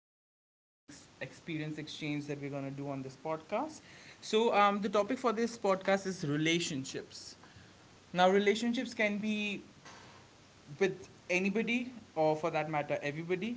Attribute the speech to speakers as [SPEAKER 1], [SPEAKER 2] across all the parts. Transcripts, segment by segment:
[SPEAKER 1] opinion and experience exchange that we're gonna do on this podcast. So the topic for this podcast is relationships. Now, relationships can be with anybody, or for that matter, everybody.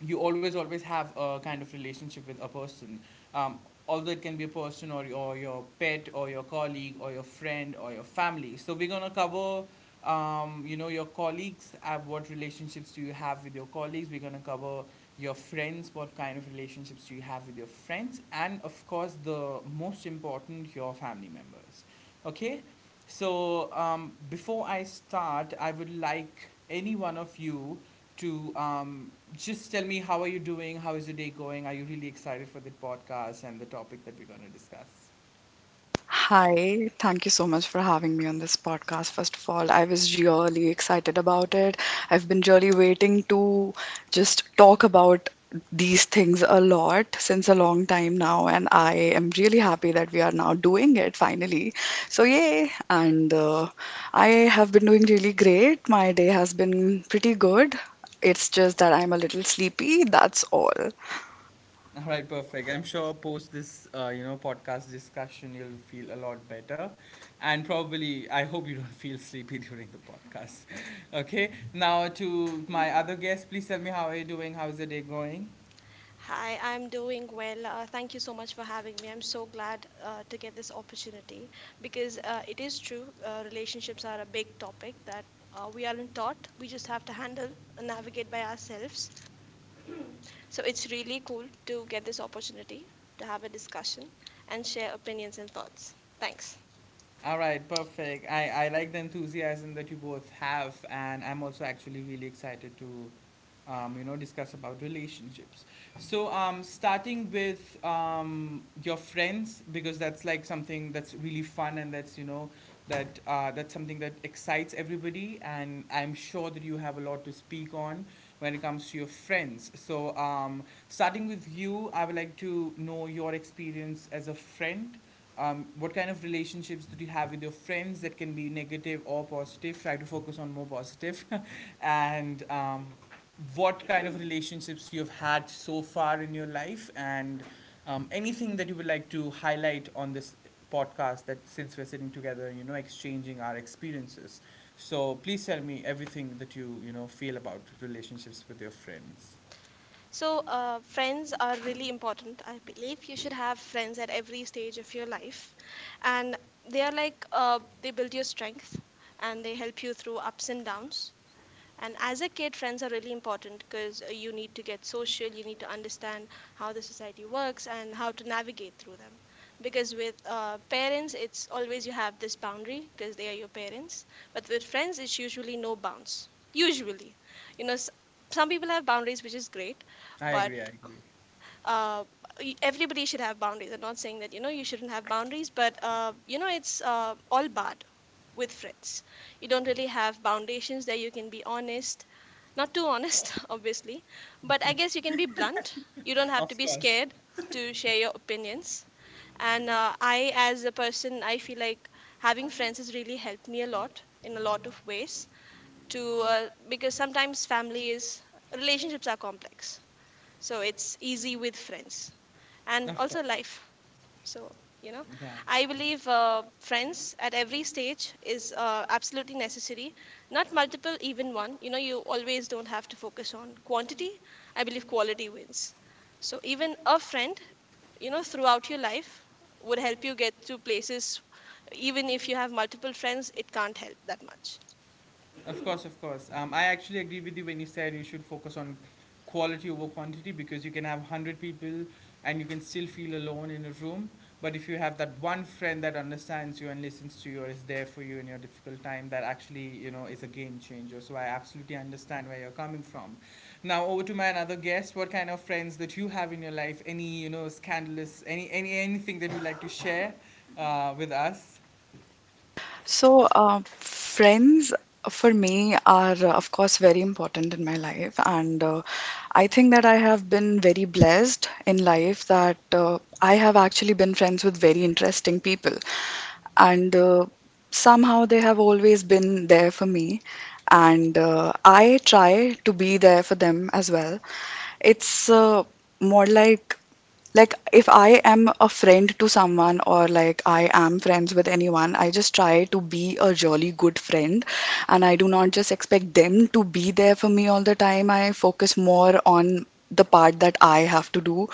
[SPEAKER 1] You always have a kind of relationship with a person, um, although it can be a person or your pet or your colleague or your friend or your family. So we're going to cover, your colleagues. What relationships do you have with your colleagues? We're going to cover your friends. What kind of relationships do you have with your friends? And of course, the most important, your family members. Okay. So before I start, I would like any one of you to, just tell me, how are you doing? How is your day going? Are you really excited for the podcast and the topic that we're going to discuss?
[SPEAKER 2] Hi, thank you so much for having me on this podcast. First of all, I was really excited about it. I've been really waiting to just talk about these things a lot since a long time now, and I am really happy that we are now doing it finally. So, yay! And I have been doing really great. My day has been pretty good. It's just that I'm a little sleepy, that's all.
[SPEAKER 1] All right, perfect. I'm sure post this, podcast discussion, you'll feel a lot better, and probably I hope you don't feel sleepy during the podcast. Okay. Now to my other guest, please tell me, how are you doing? How's the day going?
[SPEAKER 3] Hi, I'm doing well. Thank you so much for having me. I'm so glad to get this opportunity because it is true, relationships are a big topic that we aren't taught. We just have to handle and navigate by ourselves. So it's really cool to get this opportunity to have a discussion and share opinions and thoughts. Thanks.
[SPEAKER 1] All right, perfect. I like the enthusiasm that you both have, and I'm also actually really excited to, discuss about relationships. So, starting with your friends, because that's like something that's really fun and that's, you know, that's something that excites everybody. And I'm sure that you have a lot to speak on when it comes to your friends. So, starting with you, I would like to know your experience as a friend. What kind of relationships did you have with your friends? That can be negative or positive. Try to focus on more positive, and what kind of relationships you've had so far in your life, and anything that you would like to highlight on this podcast, that since we're sitting together, exchanging our experiences, so please tell me everything that you know feel about relationships with your friends.
[SPEAKER 3] So, friends are really important. I believe you should have friends at every stage of your life. And they are like, they build your strength and they help you through ups and downs. And as a kid, friends are really important because you need to get social, you need to understand how the society works and how to navigate through them. Because with parents, it's always you have this boundary because they are your parents. But with friends, it's usually no bounds. Usually. You know, some people have boundaries, which is great,
[SPEAKER 1] i
[SPEAKER 3] but
[SPEAKER 1] agree i agree
[SPEAKER 3] uh, everybody should have boundaries. I'm not saying that, you know, you shouldn't have boundaries, but, you know, it's all bad with friends. You don't really have foundations there. You can be honest, not too honest, obviously, but I guess you can be blunt. You don't have to be
[SPEAKER 1] of course
[SPEAKER 3] scared to share your opinions. And I, as a person, I feel like having friends has really helped me a lot in a lot of ways. To because sometimes family is relationships are complex, so it's easy with friends and
[SPEAKER 1] of
[SPEAKER 3] also
[SPEAKER 1] course
[SPEAKER 3] life so, you know,
[SPEAKER 1] Yeah.
[SPEAKER 3] I believe friends at every stage is absolutely necessary. Not multiple, even one. You know, you always don't have to focus on quantity. I believe quality wins. So, even a friend, you know, throughout your life would help you get to places. Even if you have multiple friends, it can't help that much.
[SPEAKER 1] Of course, of course. I actually agree with you when you said you should focus on quality over quantity, because you can have 100 people and you can still feel alone in a room. But if you have that one friend that understands you and listens to you, or is there for you in your difficult time, that actually, you know, is a game changer. So I absolutely understand where you're coming from. Now over to my another guest. What kind of friends that you have in your life? Any, you know, scandalous, any anything that you'd like to share with us?
[SPEAKER 2] Friends for me are, of course, very important in my life. And I think that I have been very blessed in life that I have actually been friends with very interesting people. And Somehow they have always been there for me. And I try to be there for them as well. It's More like if I am a friend to someone, or like I am friends with anyone, I just try to be a jolly good friend, and I do not just expect them to be there for me all the time. I focus more on the part that I have to do,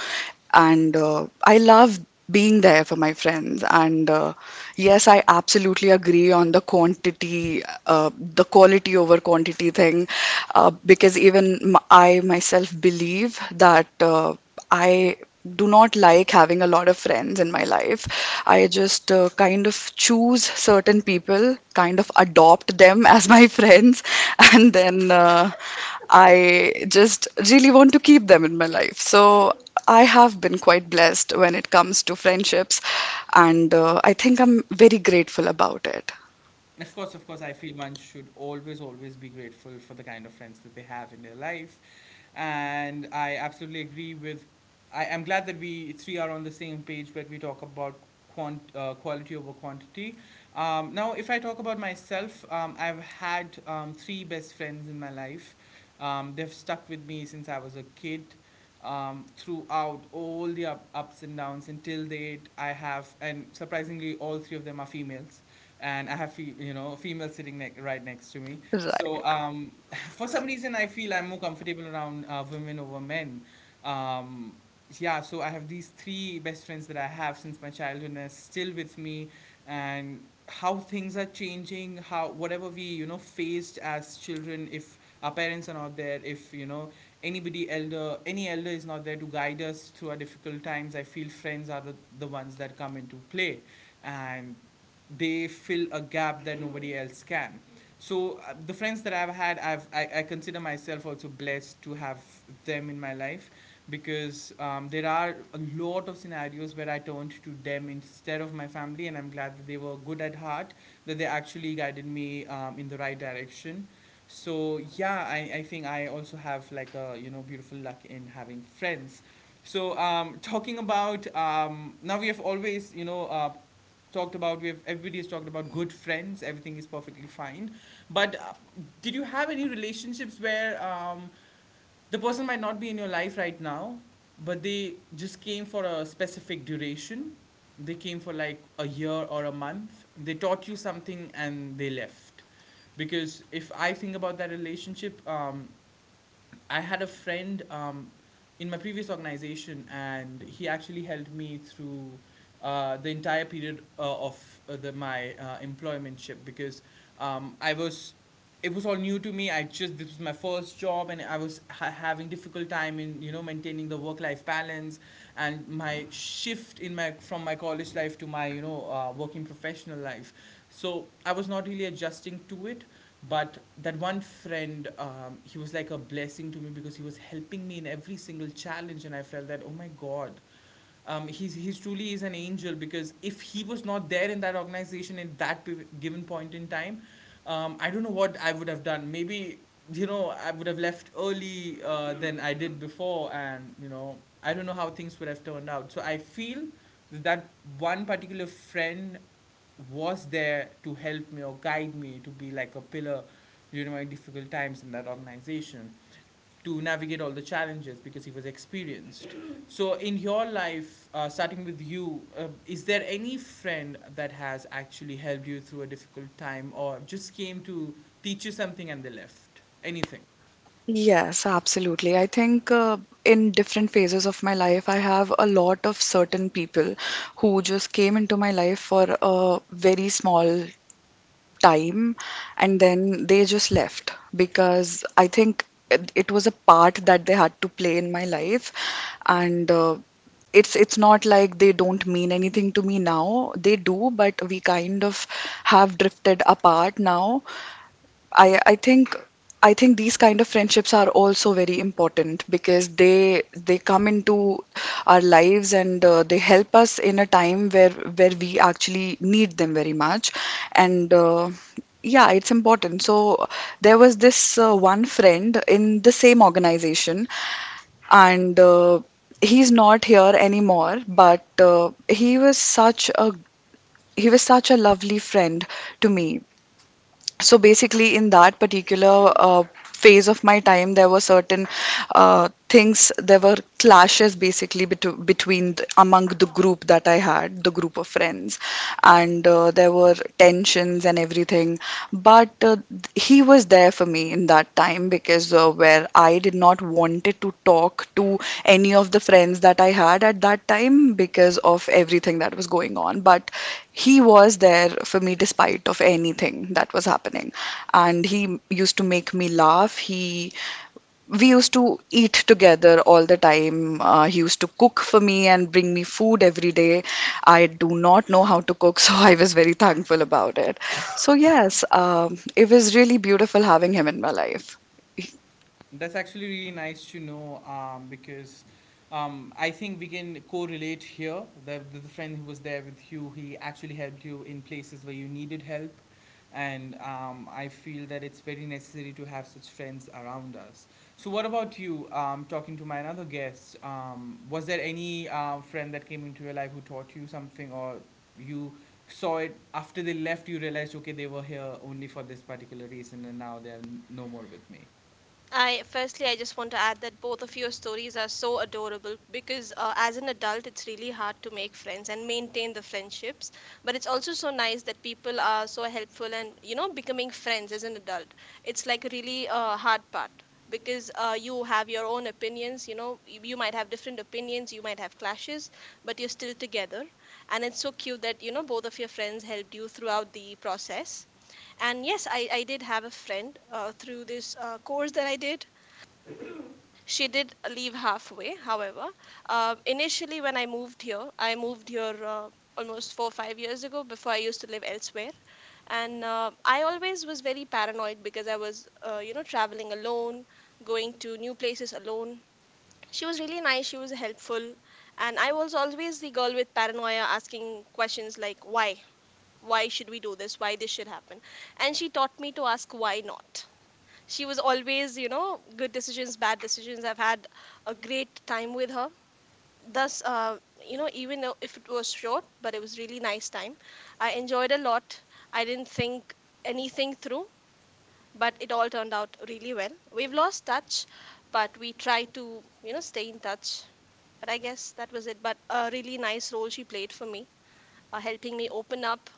[SPEAKER 2] and I love being there for my friends, and yes, I absolutely agree on the quantity the quality over quantity thing, because I myself believe that I do not like having a lot of friends in my life. I just kind of choose certain people, kind of adopt them as my friends, and then I just really want to keep them in my life. So I have been quite blessed when it comes to friendships, and I think I'm very grateful about it.
[SPEAKER 1] Of course, I feel one should always be grateful for the kind of friends that they have in their life. And I absolutely agree with. I am glad that we three are on the same page where we talk about quality over quantity. Now, if I talk about myself, I've had three best friends in my life. They've stuck with me since I was a kid, throughout all the ups and downs until date. I have, and surprisingly, all three of them are females, and I have a female sitting right next to me.
[SPEAKER 2] Right.
[SPEAKER 1] So, for some reason, I feel I'm more comfortable around women over men. Um, yeah, so I have these three best friends that I have since my childhood and are still with me, and how things are changing, how whatever we, faced as children, if our parents are not there, if, you know, anybody elder, any elder is not there to guide us through our difficult times, I feel friends are the ones that come into play, and they fill a gap that nobody else can. So the friends that I've had, I I, consider myself also blessed to have them in my life, because there are a lot of scenarios where I turned to them instead of my family, and I'm glad that they were good at heart, that they actually guided me in the right direction. So yeah, I think I also have like a, you know, beautiful luck in having friends. So talking about, now we have always, talked about, we've everybody has talked about good friends. Everything is perfectly fine. But did you have any relationships where, the person might not be in your life right now, but they just came for a specific duration? They came for like a year or a month. They taught you something and they left. Because if I think about that relationship, I had a friend in my previous organization, and he actually helped me through the entire period of my employment ship, because I was it was all new to me. I just this was my first job, and I was having difficult time in, you know, maintaining the work life balance, and my shift in my from my college life to my, working professional life. So I was not really adjusting to it. But that one friend, he was like a blessing to me, because he was helping me in every single challenge, and I felt that, oh my god, he's truly is an angel, because if he was not there in that organization at that given point in time, I don't know what I would have done. Maybe, you know, I would have left early than I did before, and you know, I don't know how things would have turned out. So I feel that one particular friend was there to help me or guide me, to be like a pillar during my difficult times in that organization, to navigate all the challenges, because he was experienced. So in your life, starting with you, is there any friend that has actually helped you through a difficult time, or just came to teach you something and they left, anything?
[SPEAKER 2] Yes, absolutely. I think in different phases of my life, I have a lot of certain people who just came into my life for a very small time, and then they just left because I think it was a part that they had to play in my life. And It's not like they don't mean anything to me now. They do, but we kind of have drifted apart now. I I think I think these kind of friendships are also very important because they come into our lives and they help us in a time where we actually need them very much, and yeah, it's important. So there was this one friend in the same organization, and he's not here anymore, but he was such a lovely friend to me. So basically in that particular phase of my time, there were certain things, there were clashes basically between the, among the group that I had, the group of friends, and there were tensions and everything. But he was there for me in that time because where I did not wanted to talk to any of the friends that I had at that time because of everything that was going on. But he was there for me despite of anything that was happening, and he used to make me laugh. He We used to eat together all the time. He used to cook for me and bring me food every day. I do not know how to cook, so I was very thankful about it. So, yes, it was really beautiful having him in my life.
[SPEAKER 1] That's actually really nice to know, because I think we can correlate here. The friend who was there with you, he actually helped you in places where you needed help. And I feel that it's very necessary to have such friends around us. So, what about you? Talking to my another guest, was there any friend that came into your life who taught you something, or you saw it after they left? You realized, okay, they were here only for this particular reason, and now they are no more with me.
[SPEAKER 3] I firstly, I just want to add that both of your stories are so adorable because as an adult, it's really hard to make friends and maintain the friendships. But it's also so nice that people are so helpful and you know becoming friends as an adult. It's like a really hard part because you have your own opinions. You know, you might have different opinions, you might have clashes, but you're still together. And it's so cute that you know both of your friends helped you throughout the process. And yes, I did have a friend through this course that I did. She did leave halfway, however. Initially, when I moved here almost 4 or 5 years ago. Before I used to live elsewhere. And I always was very paranoid because I was, you know, traveling alone, going to new places alone. She was really nice, she was helpful. And I was always the girl with paranoia asking questions like, why? Why should we do this? Why this should happen? And she taught me to ask why not. She was always, you know, good decisions, bad decisions, I've had a great time with her. Thus you know, even though if it was short, but it was really nice time. I enjoyed a lot. I didn't think anything through, but it all turned out really well. We've lost touch, but we try to, you know, stay in touch, but I guess that was it. But a really nice role she played for me, helping me open up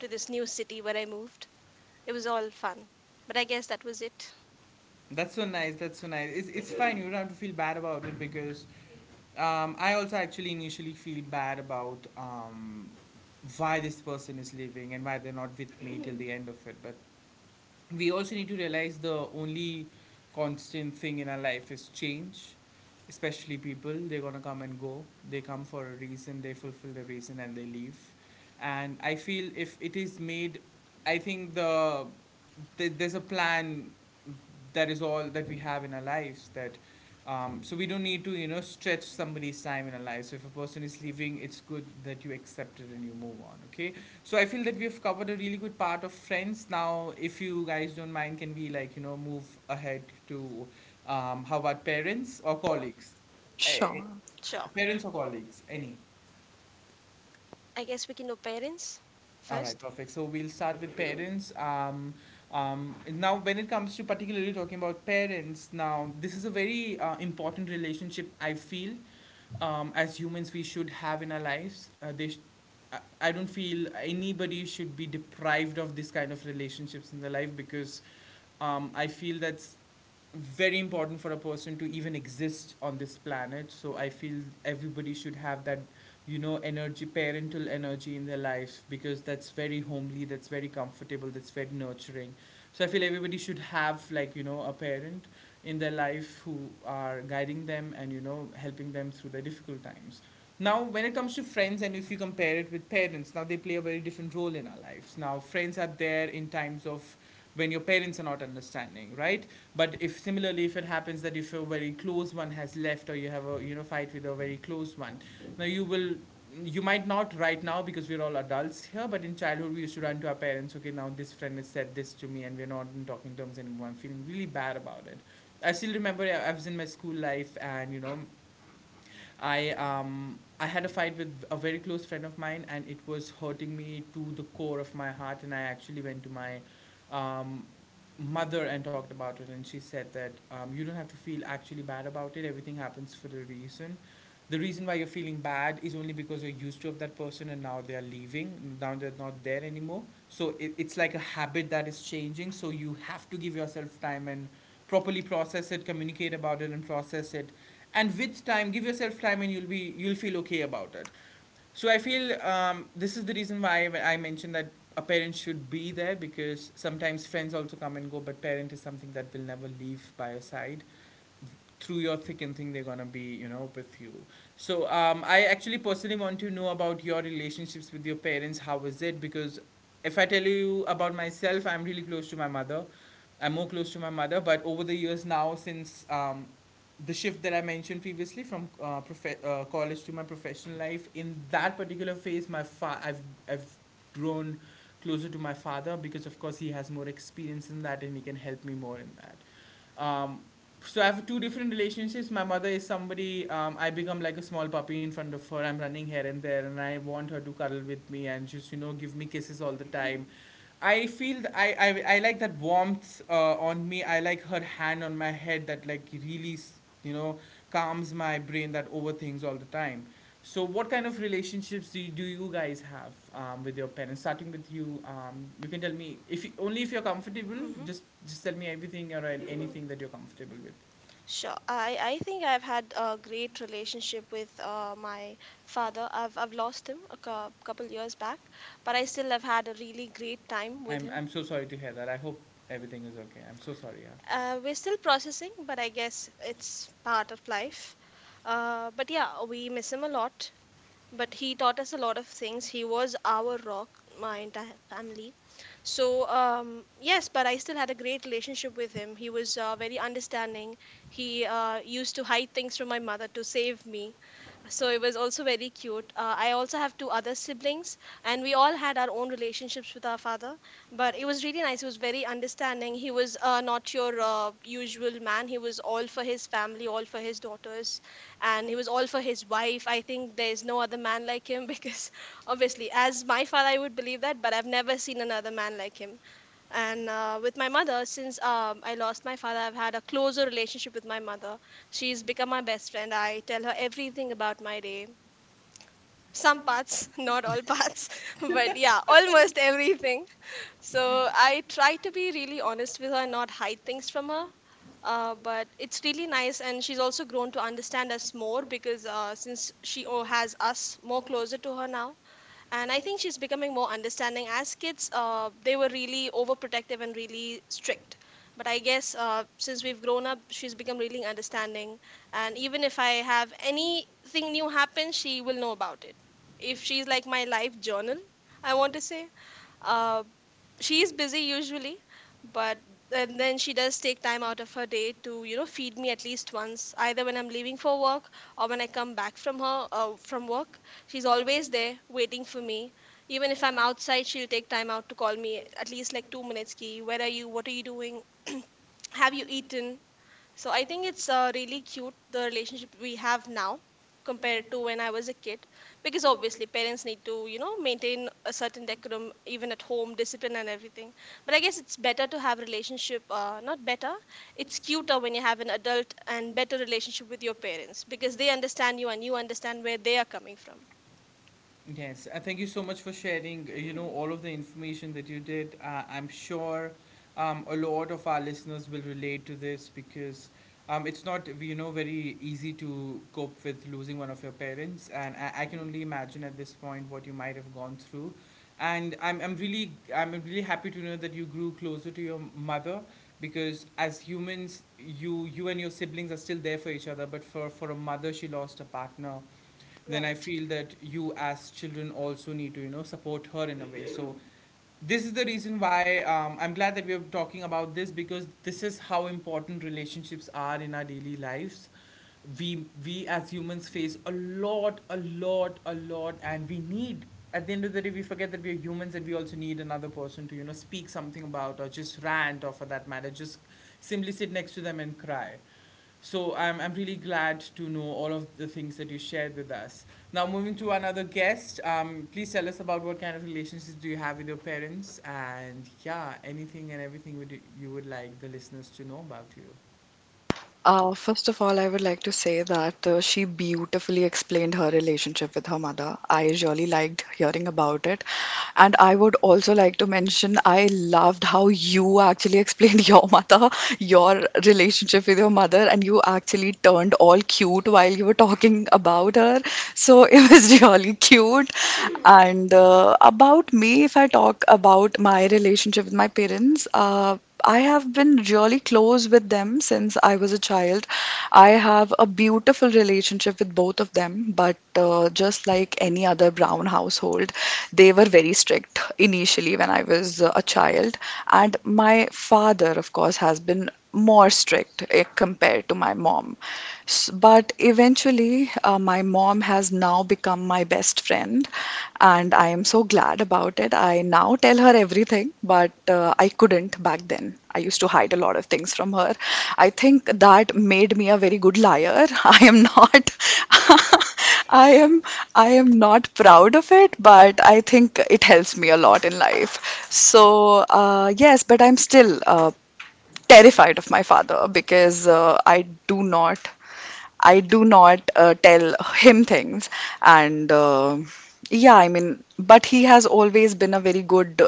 [SPEAKER 3] to this new city where I moved. It was all fun, but I guess that was it.
[SPEAKER 1] That's so nice. That's so nice. It's fine. You don't have to feel bad about it, because I also actually initially feel bad about, why this person is leaving and why they're not with me till the end of it. But we also need to realize the only constant thing in our life is change, especially people. They're going to come and go. They come for a reason, they fulfill the reason, and they leave. And I feel if it is made, I think there's a plan, that is all that we have in our lives. That So we don't need to, you know, stretch somebody's time in our lives. So if a person is leaving, it's good that you accept it and you move on. Okay. So I feel that we have covered a really good part of Friends. Now, if you guys don't mind, can we like, you know, move ahead to, how about parents or colleagues? Eh,
[SPEAKER 2] Sure.
[SPEAKER 3] Sure.
[SPEAKER 1] Parents or colleagues, any.
[SPEAKER 3] I guess we can do parents
[SPEAKER 1] All right,
[SPEAKER 3] first.
[SPEAKER 1] perfect. So we'll start with parents. Now, when it comes to particularly talking about parents, now this is a very important relationship. I feel as humans we should have in our lives. They sh- I don't feel anybody should be deprived of this kind of relationships in their life, because I feel that's very important for a person to even exist on this planet. So I feel everybody should have that, you know, energy, parental energy in their life, because that's very homely, that's very comfortable, that's very nurturing. So I feel everybody should have like, you know, a parent in their life who are guiding them and, you know, helping them through their difficult times. Now, when it comes to friends, and if you compare it with parents, now they play a very different role in our lives. Now, friends are there in times of when your parents are not understanding, right? But if similarly, if it happens that if a very close one has left, or you have a you know fight with a very close one, now you will you might not right now because we're all adults here, but in childhood we used to run to our parents. Okay, now this friend has said this to me and we're not in talking terms anymore. I'm feeling really bad about it. I still remember I was in my school life and you know I had a fight with a very close friend of mine, and it was hurting me to the core of my heart. And I actually went to my um, mother and talked about it, and she said that you don't have to feel actually bad about it. Everything happens for a reason. The reason why you're feeling bad is only because you're used to of that person, and now they are leaving. Now they're not there anymore. So it's like a habit that is changing. So you have to give yourself time and properly process it, communicate about it, and process it and with time give yourself time and you'll feel okay about it. So I feel this is the reason why I mentioned that a parent should be there because sometimes friends also come and go, but parent is something that will never leave by your side. Through your thick and thin, they're gonna be you know with you. So I actually personally want to know about your relationships with your parents. How is it? Because if I tell you about myself, I'm really close to my mother. I'm more close to my mother, but over the years now since the shift that I mentioned previously from college to my professional life, in that particular phase I've grown closer to my father because of course he has more experience in that and he can help me more in that. um, so I have two different relationships. My mother is somebody I become like a small puppy in front of her. I'm running here and there, and I want her to cuddle with me and just you know give me kisses all the time. I like that warmth on me. I like her hand on my head that like you know calms my brain that overthinks all the time. So what kind of relationships do you guys have with your parents, starting with you? You can tell me if you, only if you're comfortable.
[SPEAKER 3] Mm-hmm.
[SPEAKER 1] Just tell me everything or anything that you're comfortable with.
[SPEAKER 3] Sure. I think I've had a great relationship with my father. I've lost him a couple years back, but I still have had a really great time with
[SPEAKER 1] I'm
[SPEAKER 3] him.
[SPEAKER 1] so sorry to hear that. I hope everything is okay. I'm so sorry, yeah.
[SPEAKER 3] We're still processing, but I guess it's part of life. But yeah, we miss him a lot. But he taught us a lot of things. He was our rock, my entire family. So, um, yes, but I still had a great relationship with him. He was very understanding. He used to hide things from my mother to save me, so it was also very cute. I also have two other siblings, and we all had our own relationships with our father. But it was really nice. He was very understanding. He was not your usual man. He was all for his family, all for his daughters, and he was all for his wife. I think there's no other man like him because obviously, as my father, I would believe that, but I've never seen another man like him. And with my mother, since I lost my father, I've had a closer relationship with my mother. She's become my best friend. I tell her everything about my day. Some parts, not all parts, but yeah, almost everything. So I try to be really honest with her, and not hide things from her, but it's really nice. And she's also grown to understand us more because since has us more closer to her now. And I think she's becoming more understanding. As kids, they were really overprotective and really strict, but I guess since we've grown up, she's become really understanding. And even if I have anything new happen, she will know about it. If she's like my life journal, I want to say. uh, she's busy usually, but and then she does take time out of her day to, you know, feed me at least once, either when I'm leaving for work or when I come back from her, from work. She's always there waiting for me. Even if I'm outside, she'll take time out to call me at least like 2 minutes, ki where are you, what are you doing? Have you eaten? So I think it's really cute the relationship we have now compared to when I was a kid, because obviously parents need to, you know, maintain a certain decorum even at home, discipline and everything. But I guess it's better to have relationship, not better. It's cuter when you have an adult and better relationship with your parents because they understand you and you understand where they are coming from.
[SPEAKER 1] Yes, thank you so much for sharing, you know, all of the information that you did. I'm sure a lot of our listeners will relate to this because it's not, you know, very easy to cope with losing one of your parents. And I can only imagine at this point what you might have gone through. And I'm really I'm really happy to know that you grew closer to your mother because as humans you, you and your siblings are still there for each other, but for a mother she lost a partner. Then I
[SPEAKER 3] Right.
[SPEAKER 1] feel that you as children also need to you know support her in a way. So this is the reason why I'm glad that we're talking about this because this is how important relationships are in our daily lives. We as humans face a lot, a lot, a lot, and we need. At the end of the day, we forget that we are humans and we also need another person to, you know, speak something about or just rant or for that matter, just simply sit next to them and cry. So I'm really glad to know all of the things that you shared with us. Now, moving to another guest, please tell us about what kind of relationships do you have with your parents, and yeah, anything and everything you would like the listeners to know about you.
[SPEAKER 2] First of all, I would like to say that she beautifully explained her relationship with her mother. I really liked hearing about it. And I would also like to mention I loved how you actually explained your mother, your relationship with your mother, and you actually turned all cute while you were talking about her. So it was really cute. And about me, if I talk about my relationship with my parents, I have been really close with them since I was a child. I have a beautiful relationship with both of them, but just like any other brown household, they were very strict initially when I was a child. And my father, of course, has been more strict eh, compared to my mom. But eventually, my mom has now become my best friend, and I am so glad about it. I now tell her everything, but I couldn't back then. I used to hide a lot of things from her. I think that made me a very good liar. I am not, I am, I am not proud of it, but I think it helps me a lot in life. So, yes, but I'm still terrified of my father because I do not tell him things. And Yeah, I mean, but he has always been a very good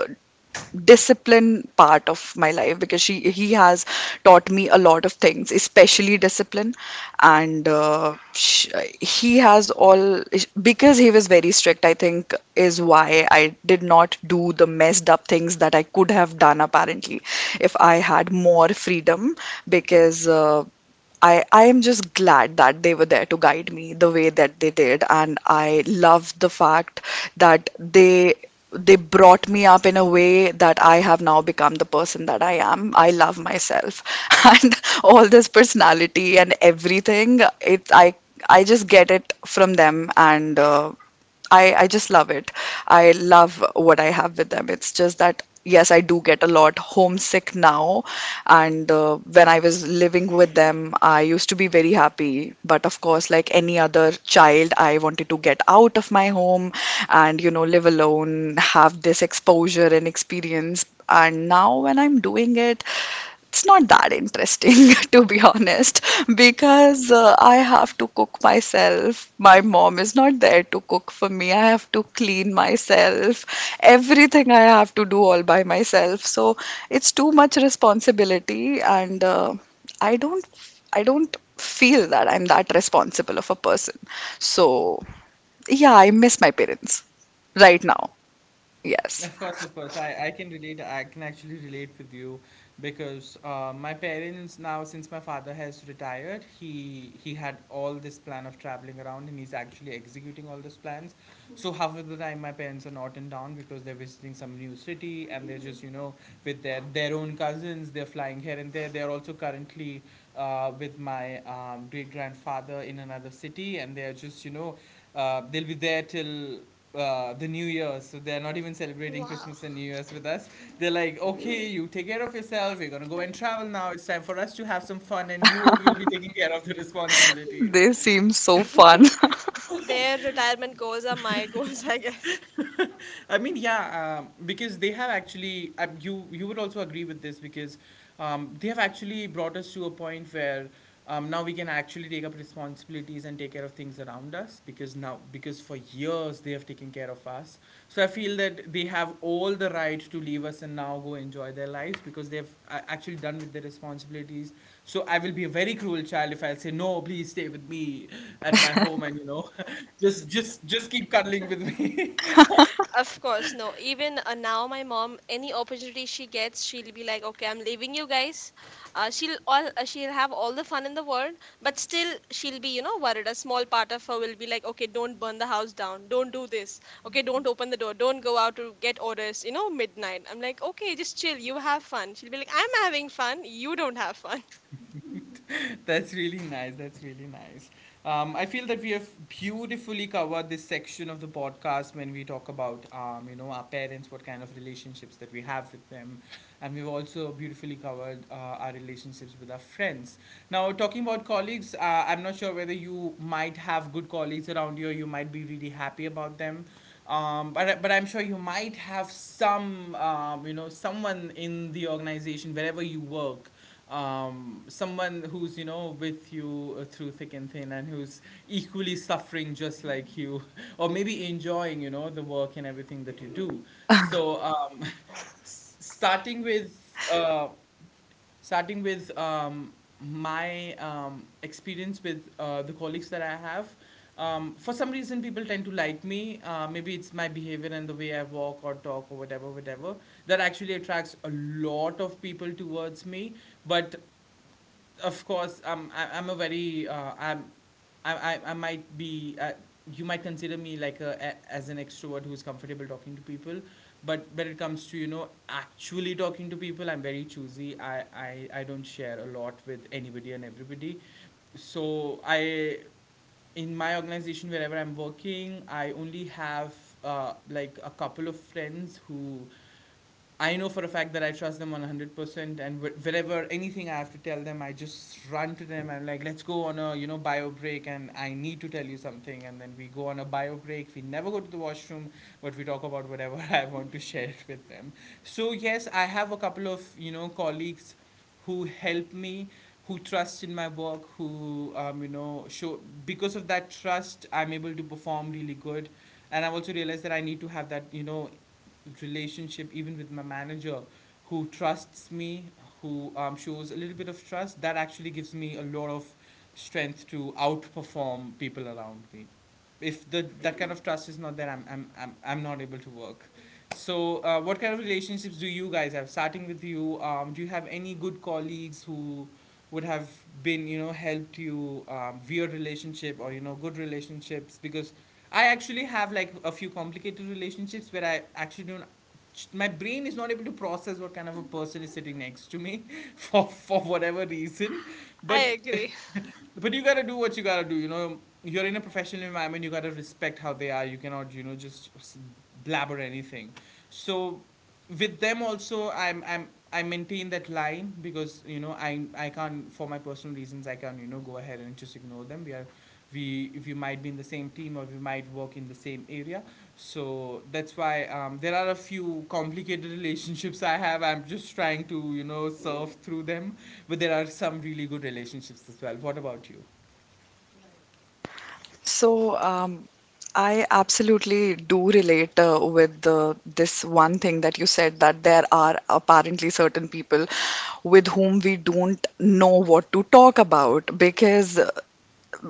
[SPEAKER 2] discipline part of my life because she he has taught me a lot of things, especially discipline, and sh he has all, because he was very strict, I think, is why I did not do the messed up things that I could have done, apparently, if I had more freedom, because I am just glad that they were there to guide me the way that they did. And I love the fact that they brought me up in a way that I have now become the person that I am. I love myself and all this personality and everything. It I just get it from them, and I just love it. I love what I have with them. It's just that, yes, I do get a lot homesick now. And when I was living with them, I used to be very happy. But of course, like any other child, I wanted to get out of my home and, you know, live alone, have this exposure and experience. And now when I'm doing it, it's not that interesting to be honest because I have to cook myself, my mom is not there to cook for me, I have to clean myself, everything I have to do all by myself. So it's too much responsibility, and i don't I don't feel that I'm that responsible of a person. So yeah, I miss my parents right now. Yes.
[SPEAKER 1] Of course, I can relate. I can actually relate with you because my parents now, since my father has retired, he had all this plan of traveling around, and he's actually executing all those plans. So half of the time, my parents are not in town because they're visiting some new city and they're just you know with their own cousins. They're flying here and there. They're also currently with my great grandfather in another city, and they're just you know they'll be there till. The New Year, so they're not even celebrating
[SPEAKER 3] Wow.
[SPEAKER 1] Christmas and New Year's with us. They're like, okay, you take care of yourself. We're gonna go and travel now. It's time for us to have some fun, and you will be taking care of the responsibilities.
[SPEAKER 2] They seem so fun.
[SPEAKER 3] Their retirement goals are my goals, I guess.
[SPEAKER 1] I mean, yeah, because they have actually, you you would also agree with this because they have actually brought us to a point where now we can actually take up responsibilities and take care of things around us because now because for years they have taken care of us. So I feel that they have all the right to leave us and now go enjoy their lives because they've actually done with their responsibilities. So I will be a very cruel child if I say no, please stay with me at my home and you know, just keep cuddling with me.
[SPEAKER 3] Of course, no. Even now, my mom, any opportunity she gets, she'll be like, "Okay, I'm leaving you guys." She'll have all the fun in the world, but still she'll be, you know, worried. A small part of her will be like, "Okay, don't burn the house down. Don't do this. Okay, don't open the door. Don't go out to get orders. You know, midnight." I'm like, "Okay, just chill. You have fun." She'll be like, "I'm having fun. You don't have fun."
[SPEAKER 1] That's really nice. That's really nice. I feel that we have beautifully covered this section of the podcast when we talk about, you know, our parents, what kind of relationships that we have with them, and we've also beautifully covered our relationships with our friends. Now, talking about colleagues, I'm not sure whether you might have good colleagues around you, or you might be really happy about them. But I'm sure you might have some you know someone in the organization wherever you work, someone who's you know with you through thick and thin and who's equally suffering just like you or maybe enjoying you know the work and everything that you do. So s- starting with uh, starting with my experience with the colleagues that I have, for some reason people tend to like me maybe it's my behavior and the way I walk or talk or whatever that actually attracts a lot of people towards me. But of course I'm a very I'm I might be you might consider me like a as an extrovert who's comfortable talking to people, but when it comes to you know actually talking to people I'm very choosy. I don't share a lot with anybody and everybody. So i in my organization wherever I'm working I only have like a couple of friends who I know for a fact that I trust them 100%, and wherever anything I have to tell them I just run to them. I'm like, let's go on a you know bio break and I need to tell you something, and then we go on a bio break. We never go to the washroom, but we talk about whatever I want to share it with them. So yes, I have a couple of you know colleagues who help me, who trust in my work, who you know show. Because of that trust I'm able to perform really good. And I've also realized that I need to have that you know relationship even with my manager who trusts me, who shows a little bit of trust that actually gives me a lot of strength to outperform people around me. If the that kind of trust is not there, I'm not able to work. So what kind of relationships do you guys have, starting with you? Um, do you have any good colleagues who would have been you know helped you weird relationship or you know good relationships? Because I actually have like a few complicated relationships where I actually don't, my brain is not able to process what kind of a person is sitting next to me for whatever reason.
[SPEAKER 3] I
[SPEAKER 1] but
[SPEAKER 3] agree.
[SPEAKER 1] but you gotta do what you gotta do. You know, you're in a professional environment. You gotta respect how they are. You cannot, you know, just blabber anything. So with them also, I maintain that line because you know I can't. For my personal reasons I can't you know go ahead and just ignore them. We might be in the same team or we might work in the same area, so that's why there are a few complicated relationships I have. I'm just trying to, you know, surf through them. But there are some really good relationships as well. What about you?
[SPEAKER 2] So, I absolutely do relate with this one thing that you said, that there are apparently certain people with whom we don't know what to talk about because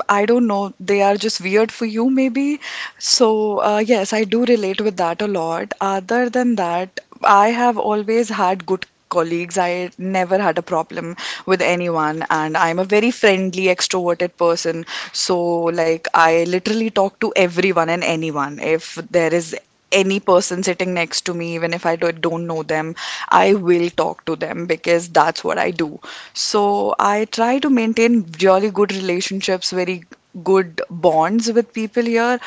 [SPEAKER 2] I don't know, they are just weird for you, maybe. So, yes, I do relate with that a lot. Other than that, I have always had good colleagues. I never had a problem with anyone, and I'm a very friendly, extroverted person. So, like, I literally talk to everyone and anyone. If there is any person sitting next to me, even if I don't know them, I will talk to them because that's what I do. So I try to maintain really good relationships, very good bonds with people here.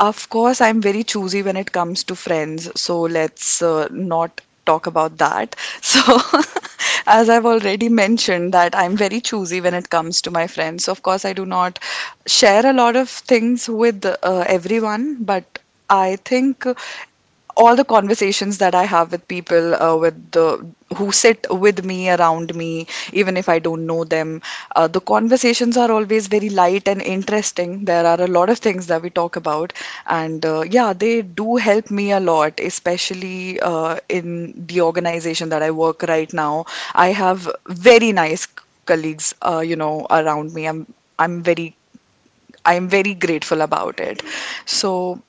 [SPEAKER 2] Of course, I'm very choosy when it comes to friends, so let's not talk about that. So, as I've already mentioned, that I'm very choosy when it comes to my friends. So, of course, I do not share a lot of things with everyone, but I think all the conversations that I have with people with the who sit with me around me, even if I don't know them, the conversations are always very light and interesting. There are a lot of things that we talk about, and yeah, they do help me a lot, especially in the organization that I work right now. I have very nice colleagues, you know, around me. I'm very I'm very grateful about it. So,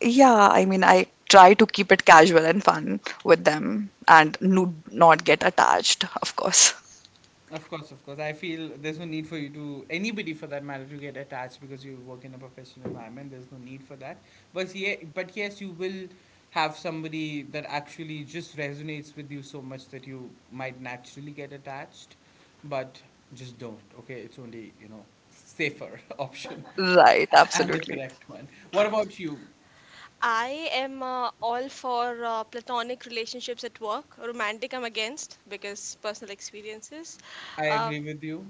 [SPEAKER 2] yeah, I mean, I try to keep it casual and fun with them and no, not get attached, of course.
[SPEAKER 1] Of course, of course. I feel there's no need for you to, anybody for that matter, to get attached because you work in a professional environment. There's no need for that. But, yeah, but yes, you will have somebody that actually just resonates with you so much that you might naturally get attached. But just don't, okay? It's only, you know, safer option.
[SPEAKER 2] Right,
[SPEAKER 1] And the
[SPEAKER 2] absolutely.
[SPEAKER 1] correct one. What about you?
[SPEAKER 3] I am all for platonic relationships at work. Romantic, I'm against because personal experiences.
[SPEAKER 1] I agree
[SPEAKER 3] Uh,
[SPEAKER 1] with you.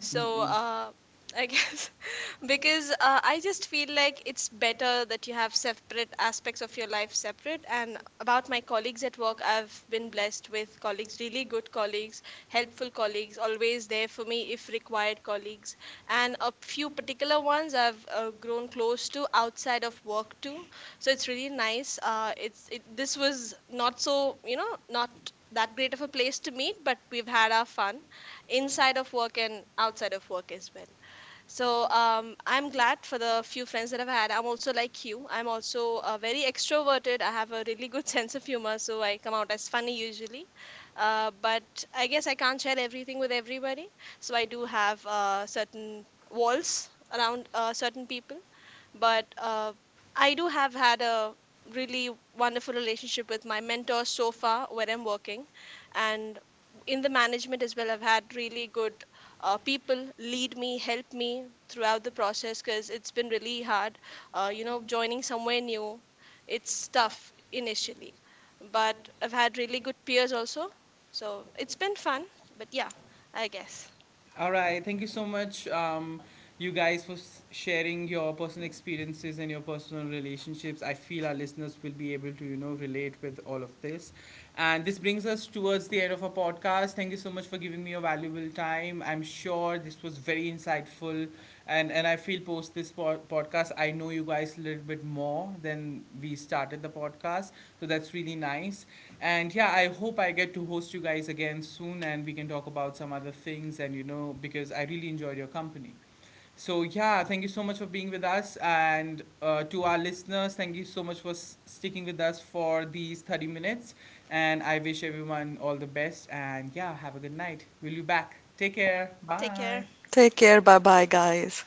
[SPEAKER 3] so I guess because I just feel like it's better that you have separate aspects of your life separate. And about my colleagues at work, I've been blessed with colleagues, really good colleagues, helpful colleagues, always there for me if required colleagues. And a few particular ones I've grown close to outside of work too. So it's really nice. This was not so, you know, not that great of a place to meet, but we've had our fun inside of work and outside of work as well. So I'm glad for the few friends that I've had. I'm also like you. I'm also very extroverted. I have a really good sense of humor, so I come out as funny usually. But I guess I can't share everything with everybody, so I do have certain walls around certain people. But I do have had a really wonderful relationship with my mentor so far, where I'm working, and in the management as well. I've had really good people lead me, help me throughout the process because it's been really hard. You know, joining somewhere new, it's tough initially, but I've had really good peers also. So it's been fun. But yeah, I guess.
[SPEAKER 1] All right. Thank you so much, you guys, for sharing your personal experiences and your personal relationships. I feel our listeners will be able to, you know, relate with all of this. And this brings us towards the end of our podcast. Thank you so much for giving me your valuable time. I'm sure this was very insightful. And I feel post this podcast, I know you guys a little bit more than we started the podcast. So that's really nice. And yeah, I hope I get to host you guys again soon and we can talk about some other things, and you know, because I really enjoyed your company. So yeah, thank you so much for being with us, and to our listeners, thank you so much for sticking with us for these 30 minutes. And I wish everyone all the best, and yeah, have a good night. We'll be back. Take care.
[SPEAKER 3] Take
[SPEAKER 1] Bye.
[SPEAKER 3] care.
[SPEAKER 2] Take care. Bye bye, guys.